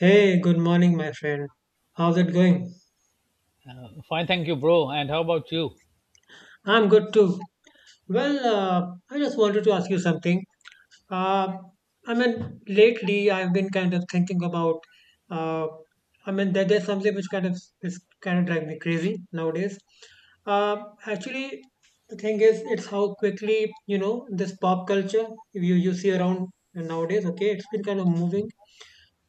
Hey, good morning, my friend. How's it going? Fine, thank you, bro. And how about you? I'm good too. Well, I just wanted to ask you something. Uh, Lately I've been kind of thinking about. Uh, there's something which is kind of driving me crazy nowadays. Uh, actually, the thing is, it's how quickly you know this pop culture you see around nowadays. Okay, it's been kind of moving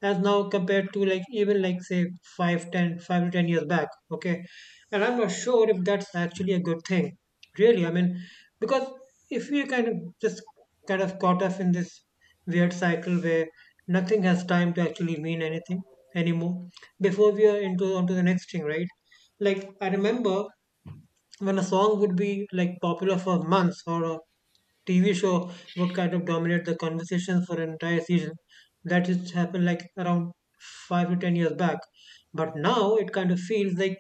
as now compared to like even like say five to 10 years back, okay, and I'm not sure if that's actually a good thing, really, I mean, because if we kind of just kind of caught up in this weird cycle where nothing has time to actually mean anything anymore before we are into onto the next thing, right? Like I remember when a song would be like popular for months or a TV show would kind of dominate the conversation for an entire season. That used to happen like around five to ten years back. But now it kind of feels like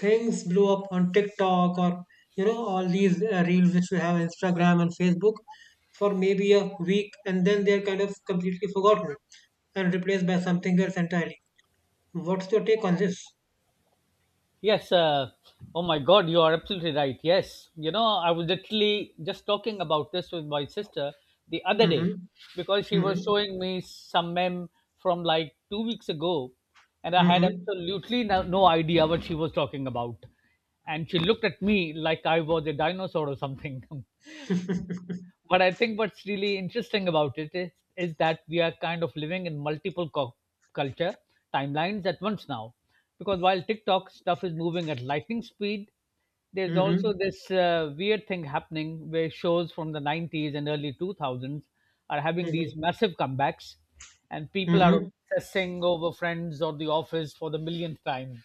things blew up on TikTok or you know all these reels which we have on Instagram and Facebook for maybe a week and then they're kind of completely forgotten and replaced by something else entirely. What's your take on this? Yes. Oh my God, you are absolutely right. Yes. You know, I was literally just talking about this with my sister the other day Mm-hmm. because she was Mm-hmm. showing me some mem from like 2 weeks ago, and I had Mm-hmm. absolutely no idea what she was talking about. And she looked at me like I was a dinosaur or something. But I think what's really interesting about it is that we are kind of living in multiple culture timelines at once now. Because while TikTok stuff is moving at lightning speed, there's also Mm-hmm. this weird thing happening where shows from the 90s and early 2000s are having Mm-hmm. these massive comebacks, and people are Mm-hmm. obsessing over Friends or The Office for the millionth time.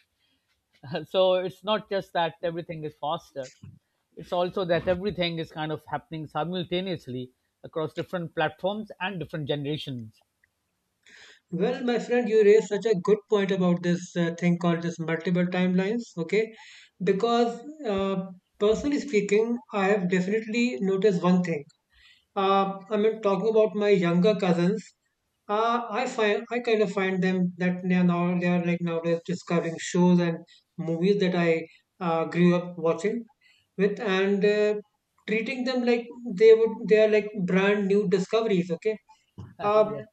So it's not just that everything is faster, it's also that everything is kind of happening simultaneously across different platforms and different generations. Well, my friend, you raised such a good point about this thing called this multiple timelines. Okay, because uh, personally speaking, I have definitely noticed one thing. Talking about my younger cousins, I kind of find them that they are like nowadays discovering shows and movies that I grew up watching with, and treating them like they are like brand new discoveries. Okay, uh, Yeah.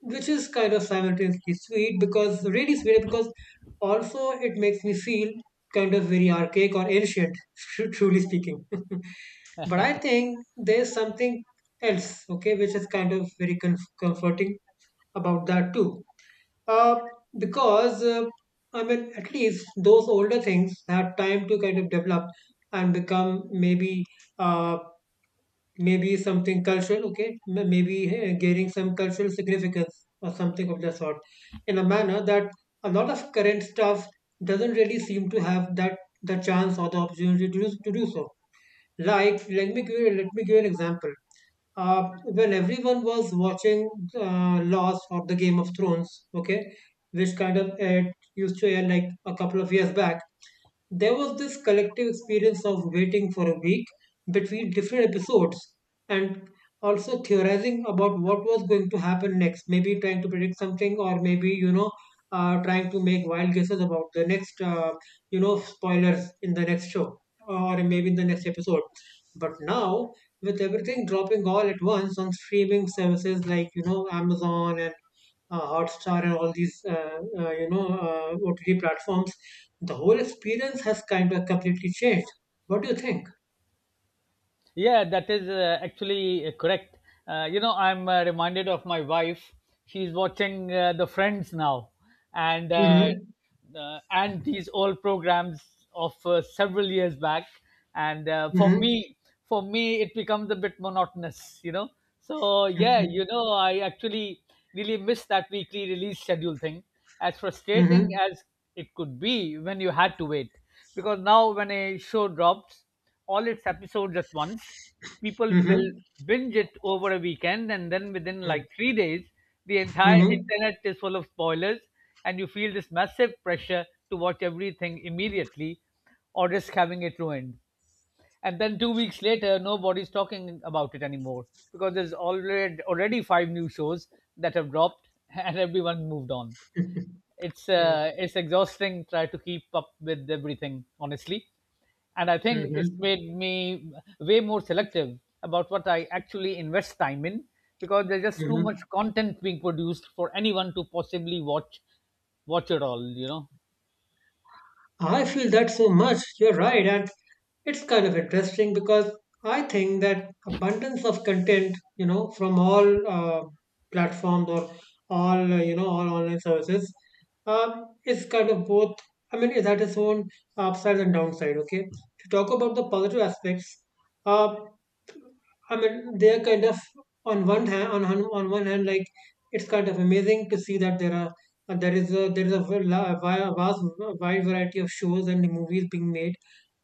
which is kind of simultaneously sweet, because really sweet, because also it makes me feel kind of very archaic or ancient, truly speaking but I think there's something else, okay, which is kind of very comforting about that too. Uh, because I mean, at least those older things had time to kind of develop and become uh, Maybe something cultural, okay? Maybe gaining some cultural significance or something of the sort in a manner that a lot of current stuff doesn't really seem to have that the chance or the opportunity to do so. Like, let me give you an example. When everyone was watching Lost or the Game of Thrones, okay, which kind of used to air like a couple of years back, there was this collective experience of waiting for a week between different episodes and also theorizing about what was going to happen next. Maybe trying to predict something, or maybe, you know, trying to make wild guesses about the next, you know, spoilers in the next show or maybe in the next episode. But now, with everything dropping all at once on streaming services like, you know, Amazon and Hotstar and all these you know OTT platforms, the whole experience has kind of completely changed. What do you think? Yeah, that is actually correct. You know, I'm reminded of my wife. She's watching the Friends now, and uh, Mm-hmm. and these old programs of several years back. And for Mm-hmm. me, for me, it becomes a bit monotonous. So yeah, Mm-hmm. I actually really miss that weekly release schedule thing. As frustrating Mm-hmm. as it could be when you had to wait, because now when a show drops all its episodes at once. People Mm-hmm. will binge it over a weekend, and then within like 3 days, the entire Mm-hmm. internet is full of spoilers, and you feel this massive pressure to watch everything immediately or risk having it ruined. And then 2 weeks later, nobody's talking about it anymore because there's already five new shows that have dropped and everyone moved on. it's Yeah. uh, it's exhausting, try to keep up with everything honestly. And I think it's Mm-hmm. made me way more selective about what I actually invest time in, because there's just too much Mm-hmm. content being produced for anyone to possibly watch it all. I feel that so much. You're right. And it's kind of interesting because I think that abundance of content, you know, from all platforms or all, you know, all online services is kind of both. I mean, it had its own upside and downside. Okay. To talk about the positive aspects, uh, I mean, they're kind of on one hand, on one hand, like it's kind of amazing to see that there are there is a v- la- a vi- a vast wide variety of shows and movies being made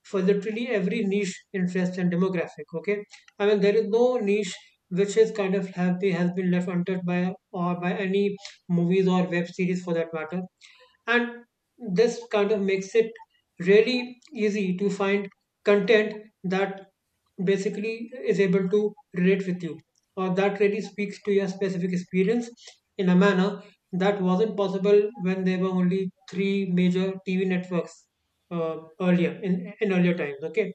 for literally every niche, interest, and demographic. Okay, I mean there is no niche which is kind of have been has been left untouched by or by any movies or web series for that matter, and this kind of makes it really easy to find content that basically is able to relate with you or that really speaks to your specific experience in a manner that wasn't possible when there were only three major TV networks earlier in earlier times, okay.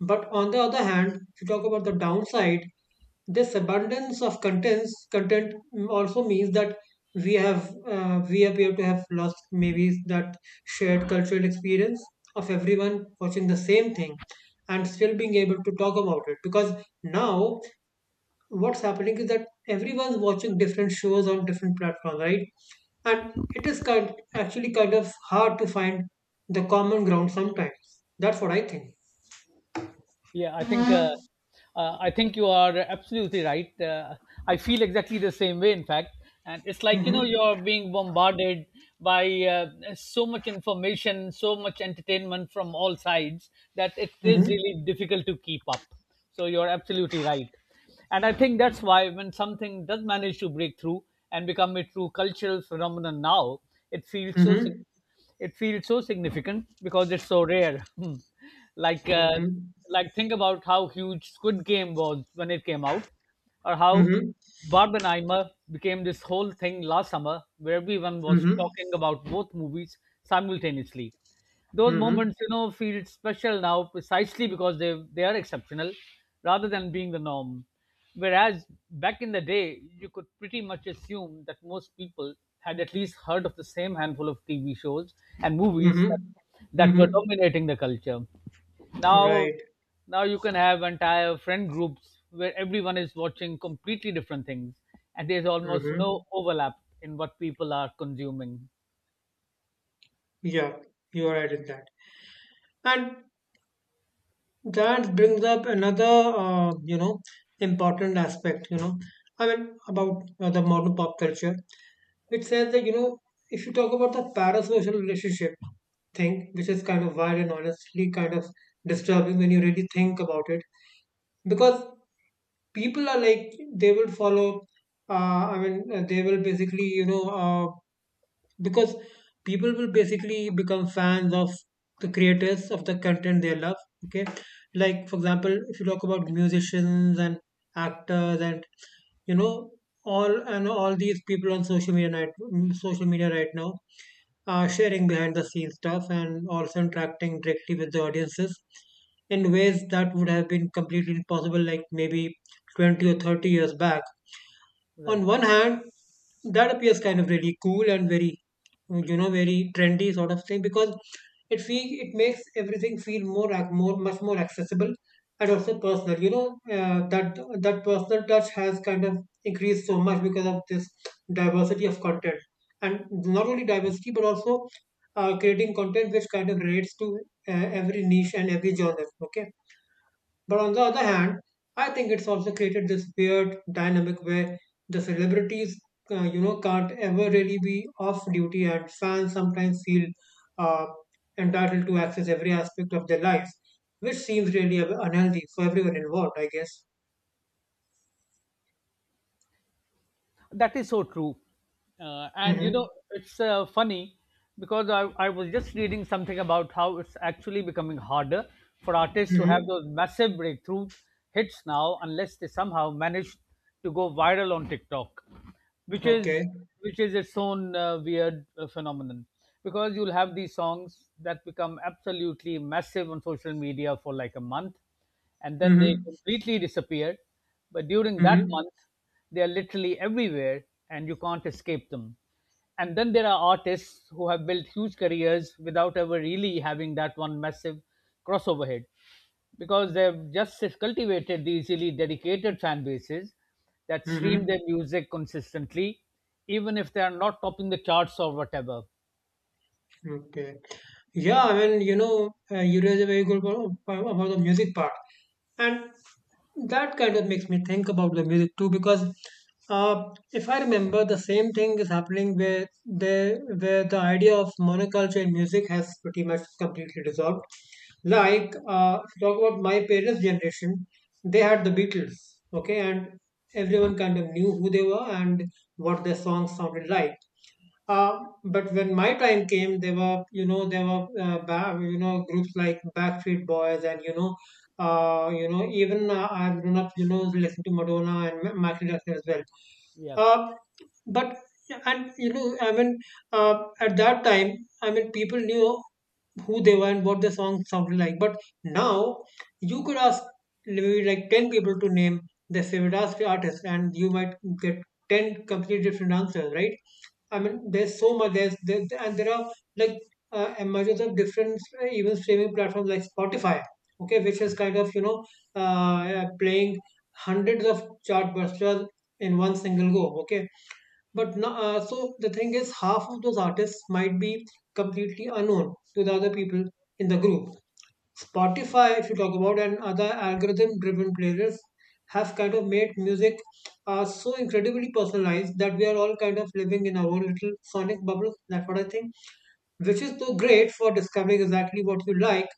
But on the other hand, if you talk about the downside, this abundance of content also means that we have we appear to have lost maybe that shared cultural experience of everyone watching the same thing and still being able to talk about it, because now what's happening is that everyone's watching different shows on different platforms, right? And it is kind of hard to find the common ground sometimes. That's what I think. Yeah, I think you are absolutely right. I feel exactly the same way, in fact, and it's like Hmm. you're being bombarded by so much information, so much entertainment from all sides that it Hmm. is really difficult to keep up. So you're absolutely right, and I think that's why when something does manage to break through and become a true cultural phenomenon now, it feels so significant Mhm. it feels so significant because it's so rare. Hmm. like, uh, Mhm. like, think about how huge Squid Game was when it came out, or how Mhm. Barbenheimer became this whole thing last summer, where everyone was Mhm. talking about both movies simultaneously. Those Mhm. moments, feel special now precisely because they are exceptional, rather than being the norm. Whereas back in the day, you could pretty much assume that most people had at least heard of the same handful of TV shows and movies that, Mhm. that were Mhm. dominating the culture. Now, Right. now, you can have entire friend groups where everyone is watching completely different things, and there's almost no Mhm. overlap in what people are consuming. Yeah, you are right in that. And that brings up another, you know, important aspect, you know, I mean, about the modern pop culture. It says that, you know, if you talk about the parasocial relationship thing, which is kind of wild and honestly kind of disturbing when you really think about it, because people are like they will follow I mean they will basically you know because people will basically become fans of the creators of the content they love, okay, like for example if you talk about musicians and actors and you know all and all these people on social media, right now, sharing behind the scenes stuff and also interacting directly with the audiences in ways that would have been completely impossible like maybe 20 or 30 years back. Right. On one hand that appears kind of really cool and very, you know, very trendy sort of thing, because it makes everything feel more much more accessible and also personal, you know. uh, that that personal touch has kind of increased so much because of this diversity of content, and not only diversity but also creating content which kind of relates to every niche and every genre, okay. But on the other hand, I think it's also created this weird dynamic where the celebrities, you know, can't ever really be off duty, and fans sometimes feel uh, entitled to access every aspect of their life, which seems really unhealthy for everyone involved, I guess. That is so true. Uh, and you Mm-hmm. know, it's funny because I was just reading something about how it's actually becoming harder for artists to have Mm-hmm. those massive breakthroughs hits now unless they somehow manage to go viral on TikTok, which is Okay. which is its own weird phenomenon, because you'll have these songs that become absolutely massive on social media for like a month and then they Mm-hmm. completely disappeared. But during that Mm-hmm. month, they are literally everywhere and you can't escape them. And then there are artists who have built huge careers without ever really having that one massive crossover hit because they've just cultivated these really dedicated fan bases that stream Mm-hmm. their music consistently, even if they are not topping the charts or whatever. Okay. Yeah, I mean, you know, you raise a very good point about the music part. And that kind of makes me think about the music too, because uh, if I remember, the same thing is happening where the idea of monoculture in music has pretty much completely dissolved. Like, if you talk about my parents' generation, they had the Beatles, okay, and everyone kind of knew who they were and what their songs sounded like. Uh, but when my time came, there were, you know, groups like Backstreet Boys and, you know, even I've grown up, you know, listening to Madonna and Michael Jackson as well. Yeah. Uh, but, you know, I mean, at that time, I mean, people knew who they were and what the song sounded like. But now, you could ask maybe like 10 people to name their favorite artist, and you might get 10 completely different answers, right? I mean, there's so much. There's there, and there are like emergence of different even streaming platforms like Spotify, okay, which is kind of you know playing hundreds of chartbusters in one single go, okay. But no, so the thing is, half of those artists might be completely unknown to the other people in the group. Spotify, if you talk about, and other algorithm driven playlists have kind of made music so incredibly personalized that we are all kind of living in our own little sonic bubble. That's what I think, which is so great for discovering exactly what you like,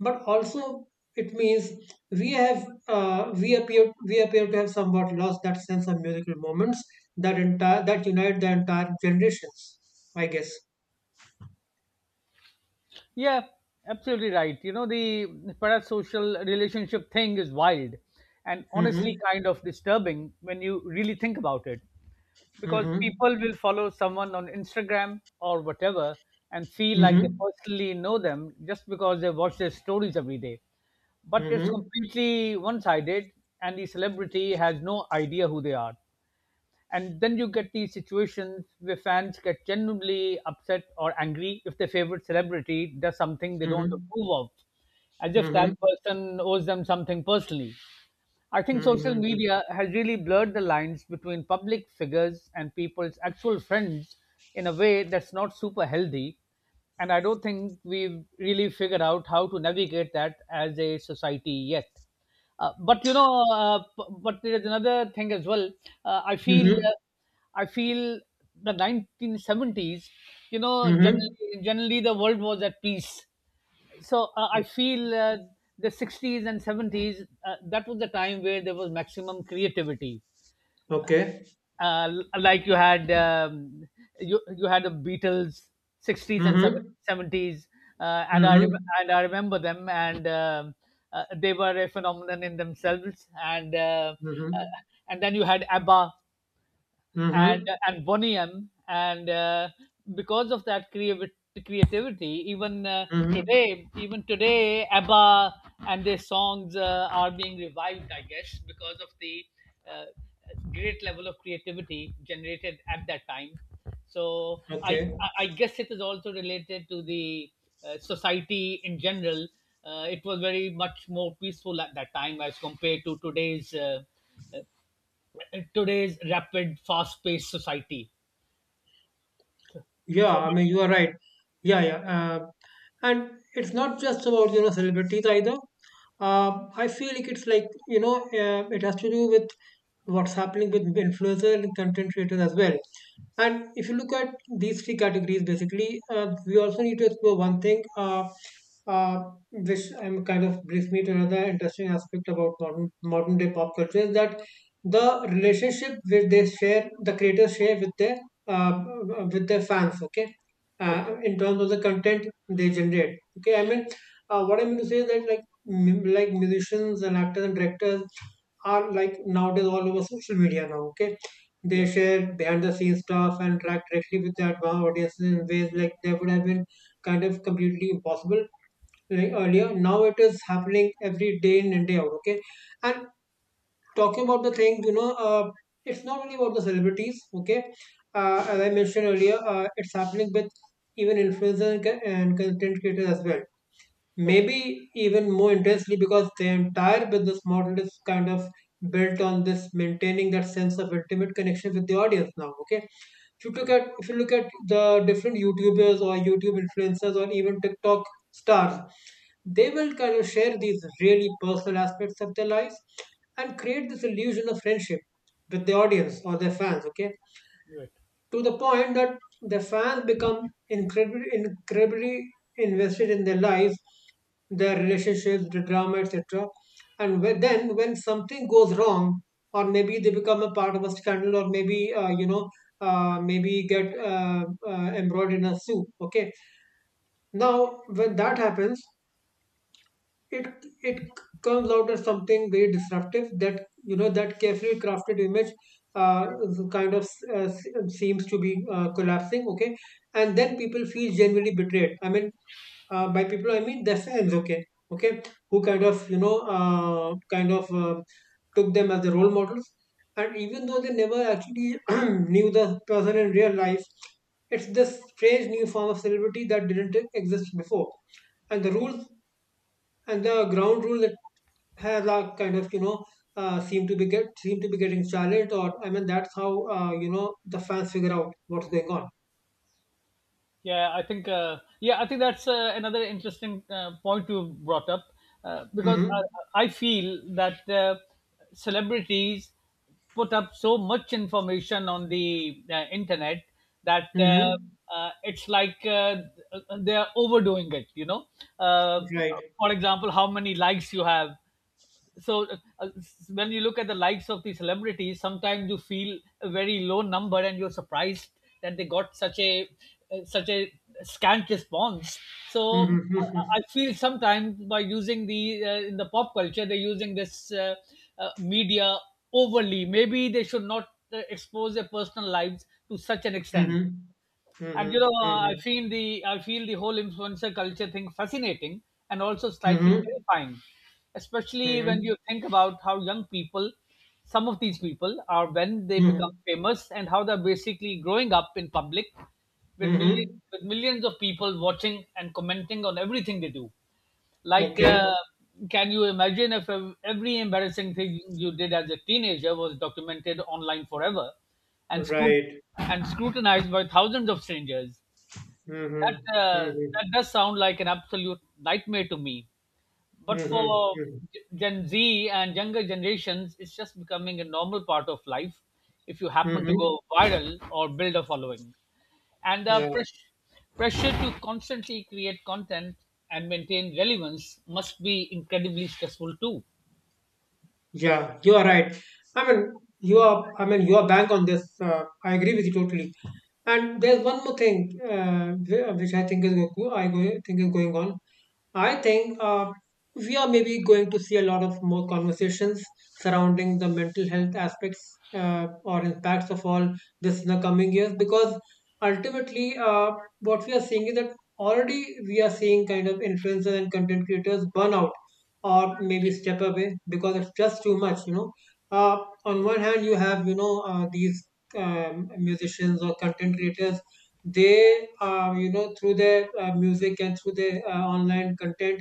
but also it means we have we appear to have somewhat lost that sense of musical moments that unite the entire generations. I guess. Yeah, absolutely right. You know, the parasocial relationship thing is wild and Mm-hmm. honestly kind of disturbing when you really think about it because Mm-hmm. people will follow someone on Instagram or whatever and feel like they Mm-hmm. personally know them just because they watch their stories every day. But it's Mm-hmm. completely one sided, and the celebrity has no idea who they are. And then you get these situations where fans get genuinely upset or angry if their favorite celebrity does something they don't Mm-hmm. approve of, as if that Mm-hmm. person owes them something personally. I think social Mhm, media has really blurred the lines between public figures and people's actual friends in a way that's not super healthy. And I don't think we've really figured out how to navigate that as a society yet. But you know, p- but there's another thing as well. Uh, I feel, mhm, uh, I feel the 1970s. You know, mhm, generally, generally the world was at peace, so I feel the 60s and 70s, that was the time where there was maximum creativity. okay. Like you had you had the Beatles 60s and Mhm, 70s, uh, and I rem- mhm, and I remember them, and they were a phenomenon in themselves. Uh, mhm, and then you had ABBA and mhm, and Bonnie M. And Because of that creativity, mhm, even today, ABBA and their songs are being revived, I guess, because of the uh, great level of creativity generated at that time. So I okay. I I guess it is also related to the society in general. It was very much more peaceful at that time as compared to today's rapid, fast-paced society. Yeah, So I mean, you are right. Yeah, yeah. And it's not just about, you know, celebrities either. I feel like it's like, you know, it has to do with what's happening with influencers and content creators as well. And if you look at these three categories, basically, we also need to explore one thing, uh, which kind of brings me to another interesting aspect about modern day pop culture is that the relationship which they share, the creators share with their uh, with their fans. Okay, okay, in terms of the content they generate, okay. I mean, what I mean to say is that like musicians and actors and directors are like nowadays all over social media now, okay. They yeah, share behind the scenes stuff and interact directly with their advanced audiences in ways like that would have been kind of completely impossible, like earlier. Now it is happening every day in and day out, okay. And talking about the thing, it's not only about the celebrities, okay? As I mentioned earlier, it's happening with even influencers and content creators as well, okay, maybe even more intensely because the entire business model is kind of built on this, maintaining that sense of intimate connection with the audience now, okay. If you look at the different youtubers or youtube influencers or even tiktok stars, they will kind of share these really personal aspects of their lives and create this illusion of friendship with the audience or their fans, okay. right. To the point that the fans become incredibly, incredibly invested in their life, their relationships, the drama, etc. And whe- then when something goes wrong, or maybe they become a part of a scandal, or maybe get embroiled in a soup. Okay, now when that happens, it it comes out as something very disruptive. That, you know, that carefully crafted image uh, kind of uh, seems to be collapsing, okay. And then people feel genuinely betrayed. I mean, by people I mean their fans, okay. Okay, who kind of took them as the role models, and even though they never actually knew the person in real life, it's this strange new form of celebrity that didn't exist before. And the rules, and the ground rules that has a kind of seem to be getting challenged, or I mean that's how the fans figure out what's going on. Yeah, I think that's another interesting point you brought up, because Mm-hmm. I feel that celebrities put up so much information on the internet, that Mm-hmm. It's like they are overdoing it. Uh, Right. for example, how many likes you have. So uh, when you look at the likes of the celebrities, sometimes you feel a very low number and you're surprised that they got such a scant response. so i Mm-hmm. I feel sometimes, by using the in the pop culture they're using this media overly, maybe they should not expose their personal lives to such an extent. Mm-hmm. and you Mm-hmm. know, uh, i Mm-hmm. feel the I feel the whole influencer culture thing fascinating and also Mm-hmm. slightly Mm-hmm. terrifying, especially when Mm-hmm. you think about how young people, some of these people are when they become Mm-hmm. famous, and how they're basically growing up in public with millions Mm-hmm. with millions of people watching and commenting on everything they do. Like, Okay. can you imagine if every embarrassing thing you did as a teenager was documented online forever and, scru- Right. and scrutinized by thousands of strangers? Mm-hmm. That, uh, Mm-hmm. that does sound like an absolute nightmare to me. But Mm-hmm. for Mm-hmm. Gen Z and younger generations, it's just becoming a normal part of life if you happen to Mm-hmm. go viral or build a following, and the Yeah. Pressure to constantly create content and maintain relevance must be incredibly stressful too. Yeah, you are right. I mean, you are. I mean, you are bank on this. I agree with you totally. And there's one more thing which I think is going on. I think we are maybe going to see a lot of more conversations surrounding the mental health aspects or impacts of all this in the coming years, because ultimately, what we are seeing is that already we are seeing kind of influencers and content creators burn out or maybe step away because it's just too much uh, on one hand, you have these musicians or content creators. They, through their music and through their online content,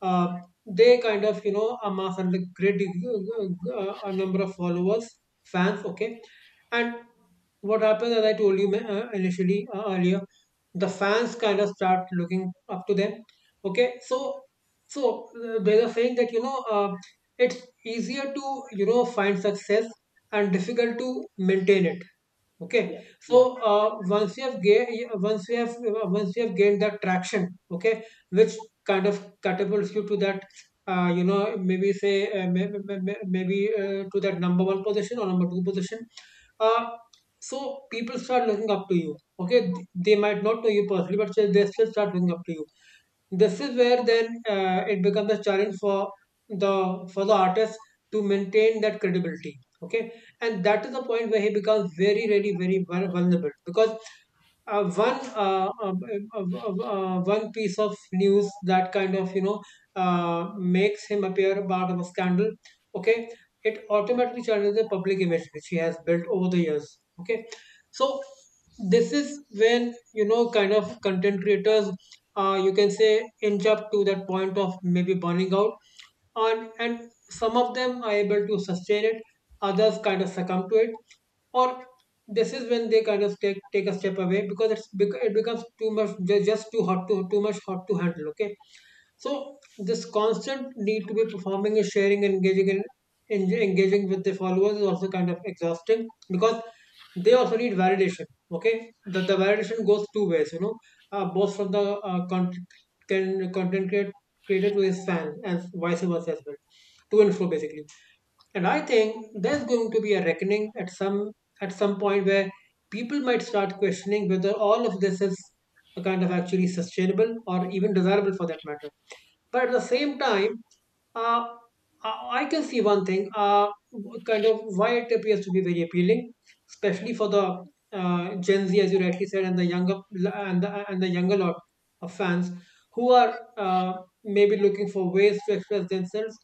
uh, they kind of amass and like great a number of followers, fans, okay. And what happens, as I told you, initially, earlier, the fans kind of start looking up to them, okay. So there's a saying that, it's easier to find success and difficult to maintain it, okay. Yeah. So, Yeah. Once you have gained, once you have gained that traction, okay, which kind of catapults you to that you know maybe say maybe, maybe to that number one position or number two position. Uh, so people start looking up to you, okay. They might not know you personally, but they still start looking up to you. This is where then, it becomes a challenge for the artist to maintain that credibility, okay. And that is the point where he becomes very, really very vulnerable, because uh, one uh, um, one piece of news that kind of makes him appear a part of a scandal, okay. It automatically changes the public image which he has built over the years, okay. So this is when, kind of, content creators you can say inch up to that point of maybe burning out. And some of them are able to sustain it, others kind of succumb to it. Or this is when they kind of take a step away because it becomes too much, just too hot to, too much hot to handle, okay. So this constant need to be performing and sharing and engaging with the followers is also kind of exhausting, because they also need validation, okay. The validation goes two ways, both from the content, can, content create, creator to his fan, and vice versa as well, to and fro basically. And I think there's going to be a reckoning at some point where people might start questioning whether all of this is a kind of actually sustainable or even desirable, for that matter. But at the same time, uh, I can see one thing, kind of why it appears to be very appealing, especially for the uh, Gen Z, as you rightly said, and the younger, and the younger lot of fans, who are uh, maybe looking for ways to express themselves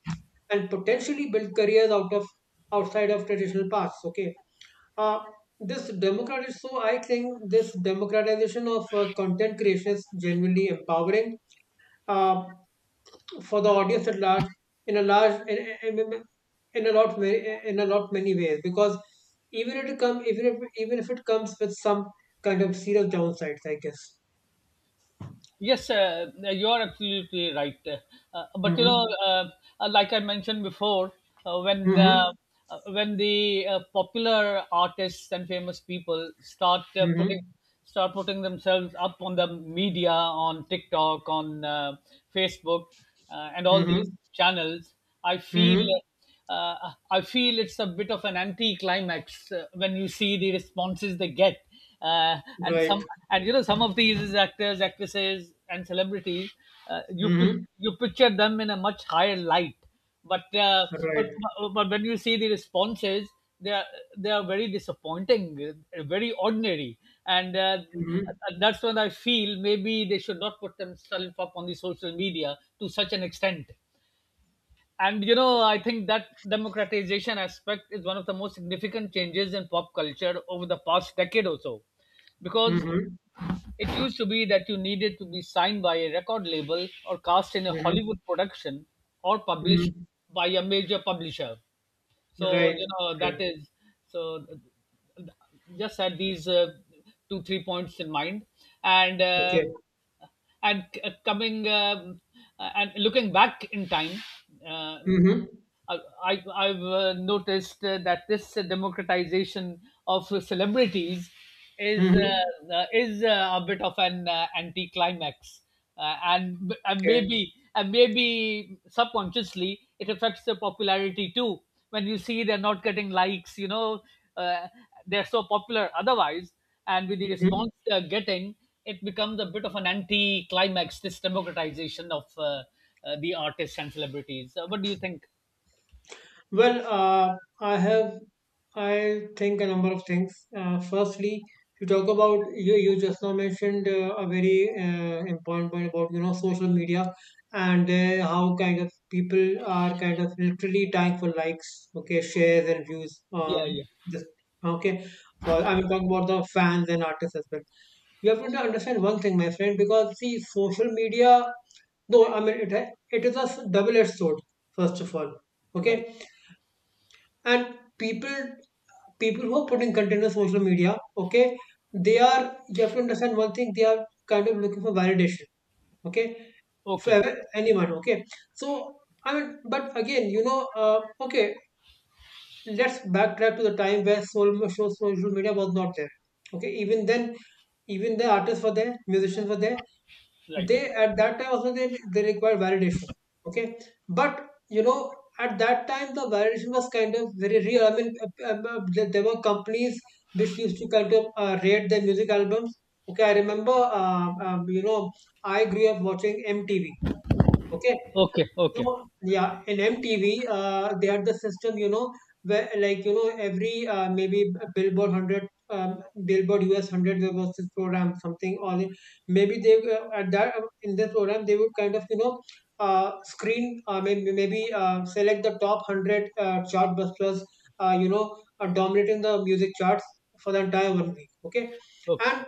and potentially build careers outside of traditional paths, okay. uh, this democratic so I think this democratization of content creation is genuinely empowering. Uh, for the audience at large, in a large in, in a lot in a lot many ways, because even if it comes with some kind of serious downsides, I guess. Yes, you are absolutely right. Uh, but you know, Mm-hmm. uh, uh, like I mentioned before, uh, when uh, Mm-hmm. when the popular artists and famous people start uh, Mm-hmm. putting start putting themselves up on the media, on TikTok, on Facebook, and all these Mm-hmm. channels, I feel Mm-hmm. uh, I feel it's a bit of an anti-climax when you see the responses they get, uh, and Right. some and some of these actors, actresses, and celebrities, uh, you pic- Mm-hmm. you picture them in a much higher light, but uh, but Right. but when you see the responses, they are they are very disappointing, very ordinary, and mm-hmm. that's when I feel maybe they should not put themselves up on the social media to such an extent. And I think that democratization aspect is one of the most significant changes in pop culture over the past decade or so, because Mm-hmm. it used to be that you needed to be signed by a record label or cast in a Mm-hmm. Hollywood production or published Mm-hmm. by a major publisher. so Right. you know that Right. is... so th- just had these two three points in mind, and uh, Okay. and c- coming and looking back in time, uh, Mm-hmm. I, I've noticed that this democratization of celebrities is Mm-hmm. uh, uh, is uh, a bit of an anticlimax, uh, and and Okay. maybe and maybe subconsciously it affects the popularity too. When you see they're not getting likes, uh, they're so popular otherwise, and with the Mm-hmm. response they're getting, it becomes a bit of an anti-climax. This democratization of, the artists and celebrities. What do you think? Well, I think a number of things. Firstly, you talk about, you just now mentioned a very important point about social media, and how kind of people are kind of literally dying for likes, okay, shares and views Yeah, on yeah, this. Okay, for I will talk about the fans and artists as well. You have to understand one thing, my friend, because see, social media, though I mean it, it is a double-edged sword. First of all, right. okay. And people who are putting content on social media, okay, they are, you have to understand one thing, they are kind of looking for validation, okay, for Okay, anyone, okay. So I mean, but again, okay, let's backtrack to the time where social media was not there, okay. Even then, even the artists were there, musicians were there. right. They, at that time also, they require validation, okay. But you know, at that time the validation was kind of very real. I mean, there there were companies which used to kind of rate their music albums, okay. I remember I grew up watching MTV, okay. Okay, okay, No, yeah, in MTV, they had the system, where like every maybe Billboard 100, Billboard US 100, there was this program something or maybe they, at that in this program they would kind of screen, maybe maybe select the top 100 chartbusters, uh, you know, dominating the music charts for the entire one week. Okay, okay, and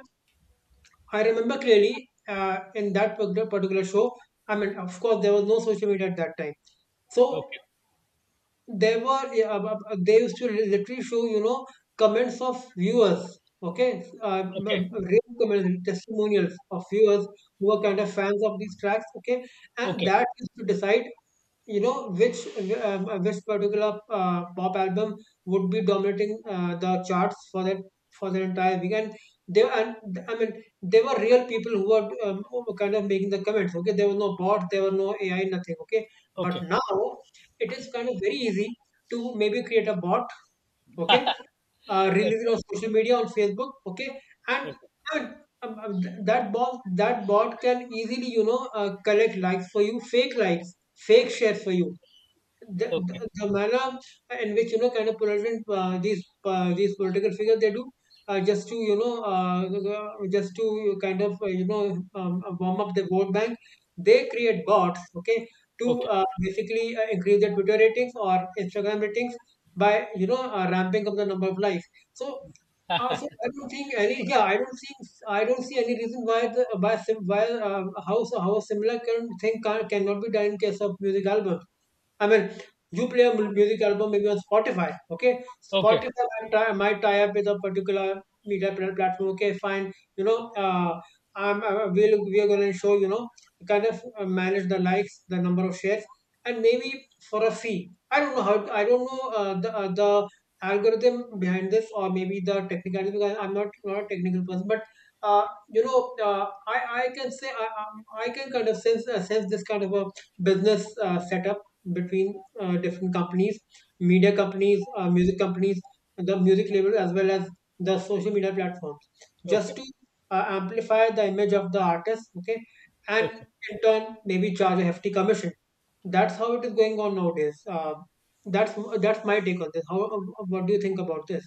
I remember clearly in that particular show. I mean, of course, there was no social media at that time, so okay, there were, yeah, they used to literally show, comments of viewers. Okay, okay. Real comments, testimonials of viewers who are kind of fans of these tracks. Okay, and Okay. that used to decide, you know which which particular pop album would be dominating the charts for the entire week. And they and I mean, they were real people who were, kind of making the comments. Okay, there was no bot, there were no AI, nothing. Okay, but Okay. now it is kind of very easy to maybe create a bot. Okay, release it Okay. on social media, on Facebook. Okay, and Okay. I mean, that bot can easily, collect likes for you, fake likes, fake share for you, the, Okay. the, the manner in which, you know, kind of political, these political figures, they do, just to, you know, just to kind of, warm up the vote bank. They create bots. Okay, to Okay. Basically increase the Twitter ratings or Instagram ratings by, ramping up the number of likes. So, so I don't think any yeah, I don't think, I don't see any reason why the why sim, why how so how a similar, thing, cannot be done in case of music album. I mean, you play a music album, maybe on Spotify, okay? Okay. Spotify might tie up with a particular media platform, okay? Fine, you know, I'm, I will we are going to show, you know, kind of manage the likes, the number of shares, and maybe for a fee. I don't know how. I don't know, the algorithm behind this, or maybe the technicality. Because I'm not a technical person, but you know, I can say, I can kind of sense this kind of a business setup between different companies, media companies, music companies, the music label, as well as the social media platforms, Okay. just to amplify the image of the artist, okay, and Okay. in turn maybe charge a hefty commission. That's how it is going on nowadays. That's that's my take on this. How What do you think about this?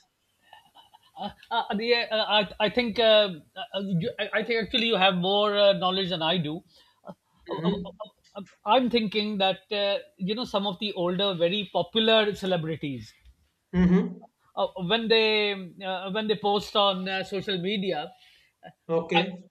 I think, I think actually you have more knowledge than I do. Uh, uh, uh, Mm-hmm. uh, I'm thinking that, some of the older, very popular celebrities, Mm-hmm. uh, when they when they post on social media, uh, Okay.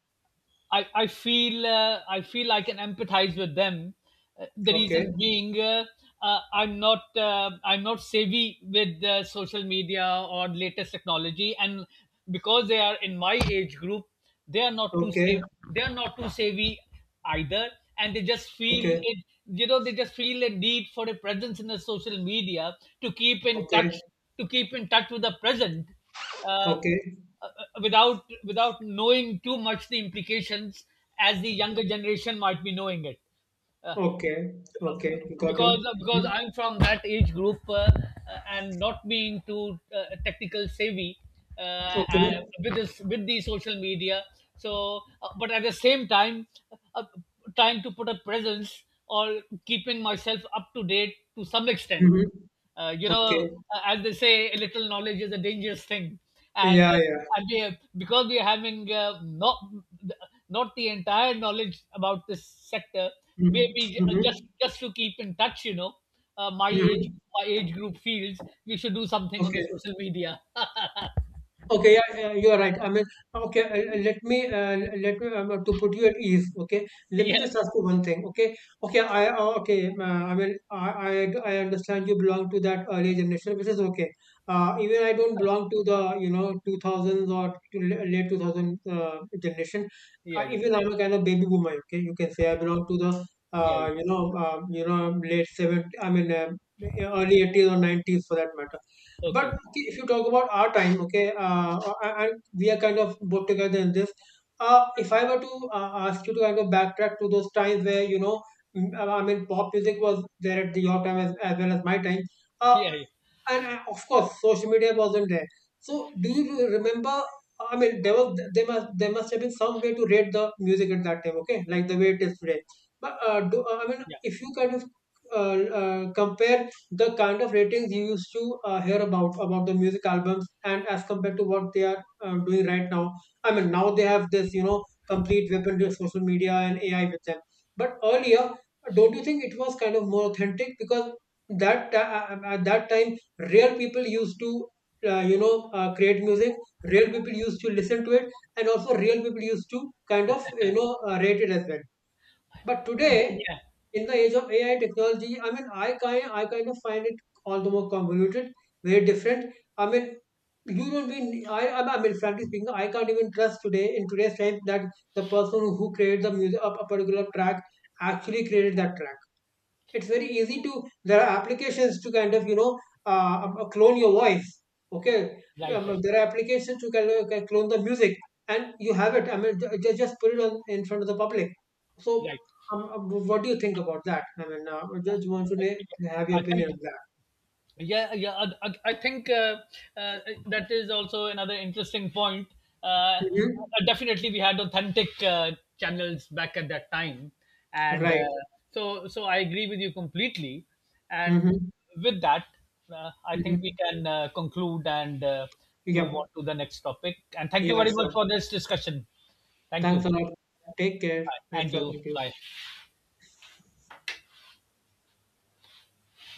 I feel I can empathize with them. The reason Okay. being, I'm not savvy with social media or latest technology, and because they are in my age group, Okay. They are not too savvy either, and they just feel Okay. it. You know, they just feel a need for a presence in the social media to keep in touch Okay. With the present. Uh, Okay. without knowing too much the implications, as the younger generation might be knowing it, uh, Okay. Okay. Got you. because Mm-hmm. I'm from that age group, and not being too technical savvy, uh, uh, Okay. with the social media, but at the same time, uh, uh, trying to put a presence or keeping myself up to date to some extent. Mm-hmm. uh, you know, Okay. As they say, a little knowledge is a dangerous thing, and Yeah, yeah. and we, because we are having not the entire knowledge about this sector, Mm-hmm. maybe Mm-hmm. just to keep in touch. you know, uh, my age Mm-hmm. my age group feels we should do something on the Okay. social media. Okay, yeah, yeah, you are right. I mean, okay, let me, to put you at ease. Okay, let me Yeah, just ask you one thing. Okay, okay. I mean, I understand you belong to that early generation, which is okay. Even I don't belong to the, you know, two thousands, or to late two thousand generation. yeah, yeah, yeah. Even I'm a kind of baby boomer. Okay, you can say I belong to the, Yeah. You know, late seventy. I mean, early 80s or nineties, for that matter. But Okay, okay, if you talk about our time, okay, and we are kind of both together in this. If I were to ask you to kind of backtrack to those times where, you know, I mean, pop music was there at your time, as well as my time. Uh, yeah, and of course social media wasn't there, so do you remember, I mean, there must have been some way to rate the music at that time, okay, like the way it is today. But I mean, yeah, if you kind of compare the kind of ratings you used to hear about the music albums, and as compared to what they are doing right now. I mean, now they have this, you know, complete weapon of social media and ai with them, but earlier, don't you think it was kind of more authentic? Because at that time, rare people used to, create music, real people used to listen to it, and also real people used to kind of, rate it as well. But yeah, today, yeah. in the age of ai technology, I mean, I kind of find it all the more convoluted, very different. I mean, you don't mean, I mean, frankly speaking, I can't even trust today, in today's time, that the person who created the music, a particular track, actually created that track. It's very easy to, there are applications to kind of, uh, clone your voice. Okay. Right, right. There are applications to kind of clone the music, and you have it. I mean, just put it on in front of the public. So, Right. What do you think about that? I mean, I just want to have Uh, your thank, opinion on that. yeah, yeah, I think uh, that is also another interesting point. uh, Hmm. Definitely we had authentic channels back at that time, and Right. uh, so so I agree with you completely. And Mm-hmm. with that, I think we Mm-hmm. can conclude and move on Yep. to the next topic. And thank you Yeah, very much sure. for this discussion. Thank you. Thanks a lot. Take care. Bye. Nice And you, talking to you. bye.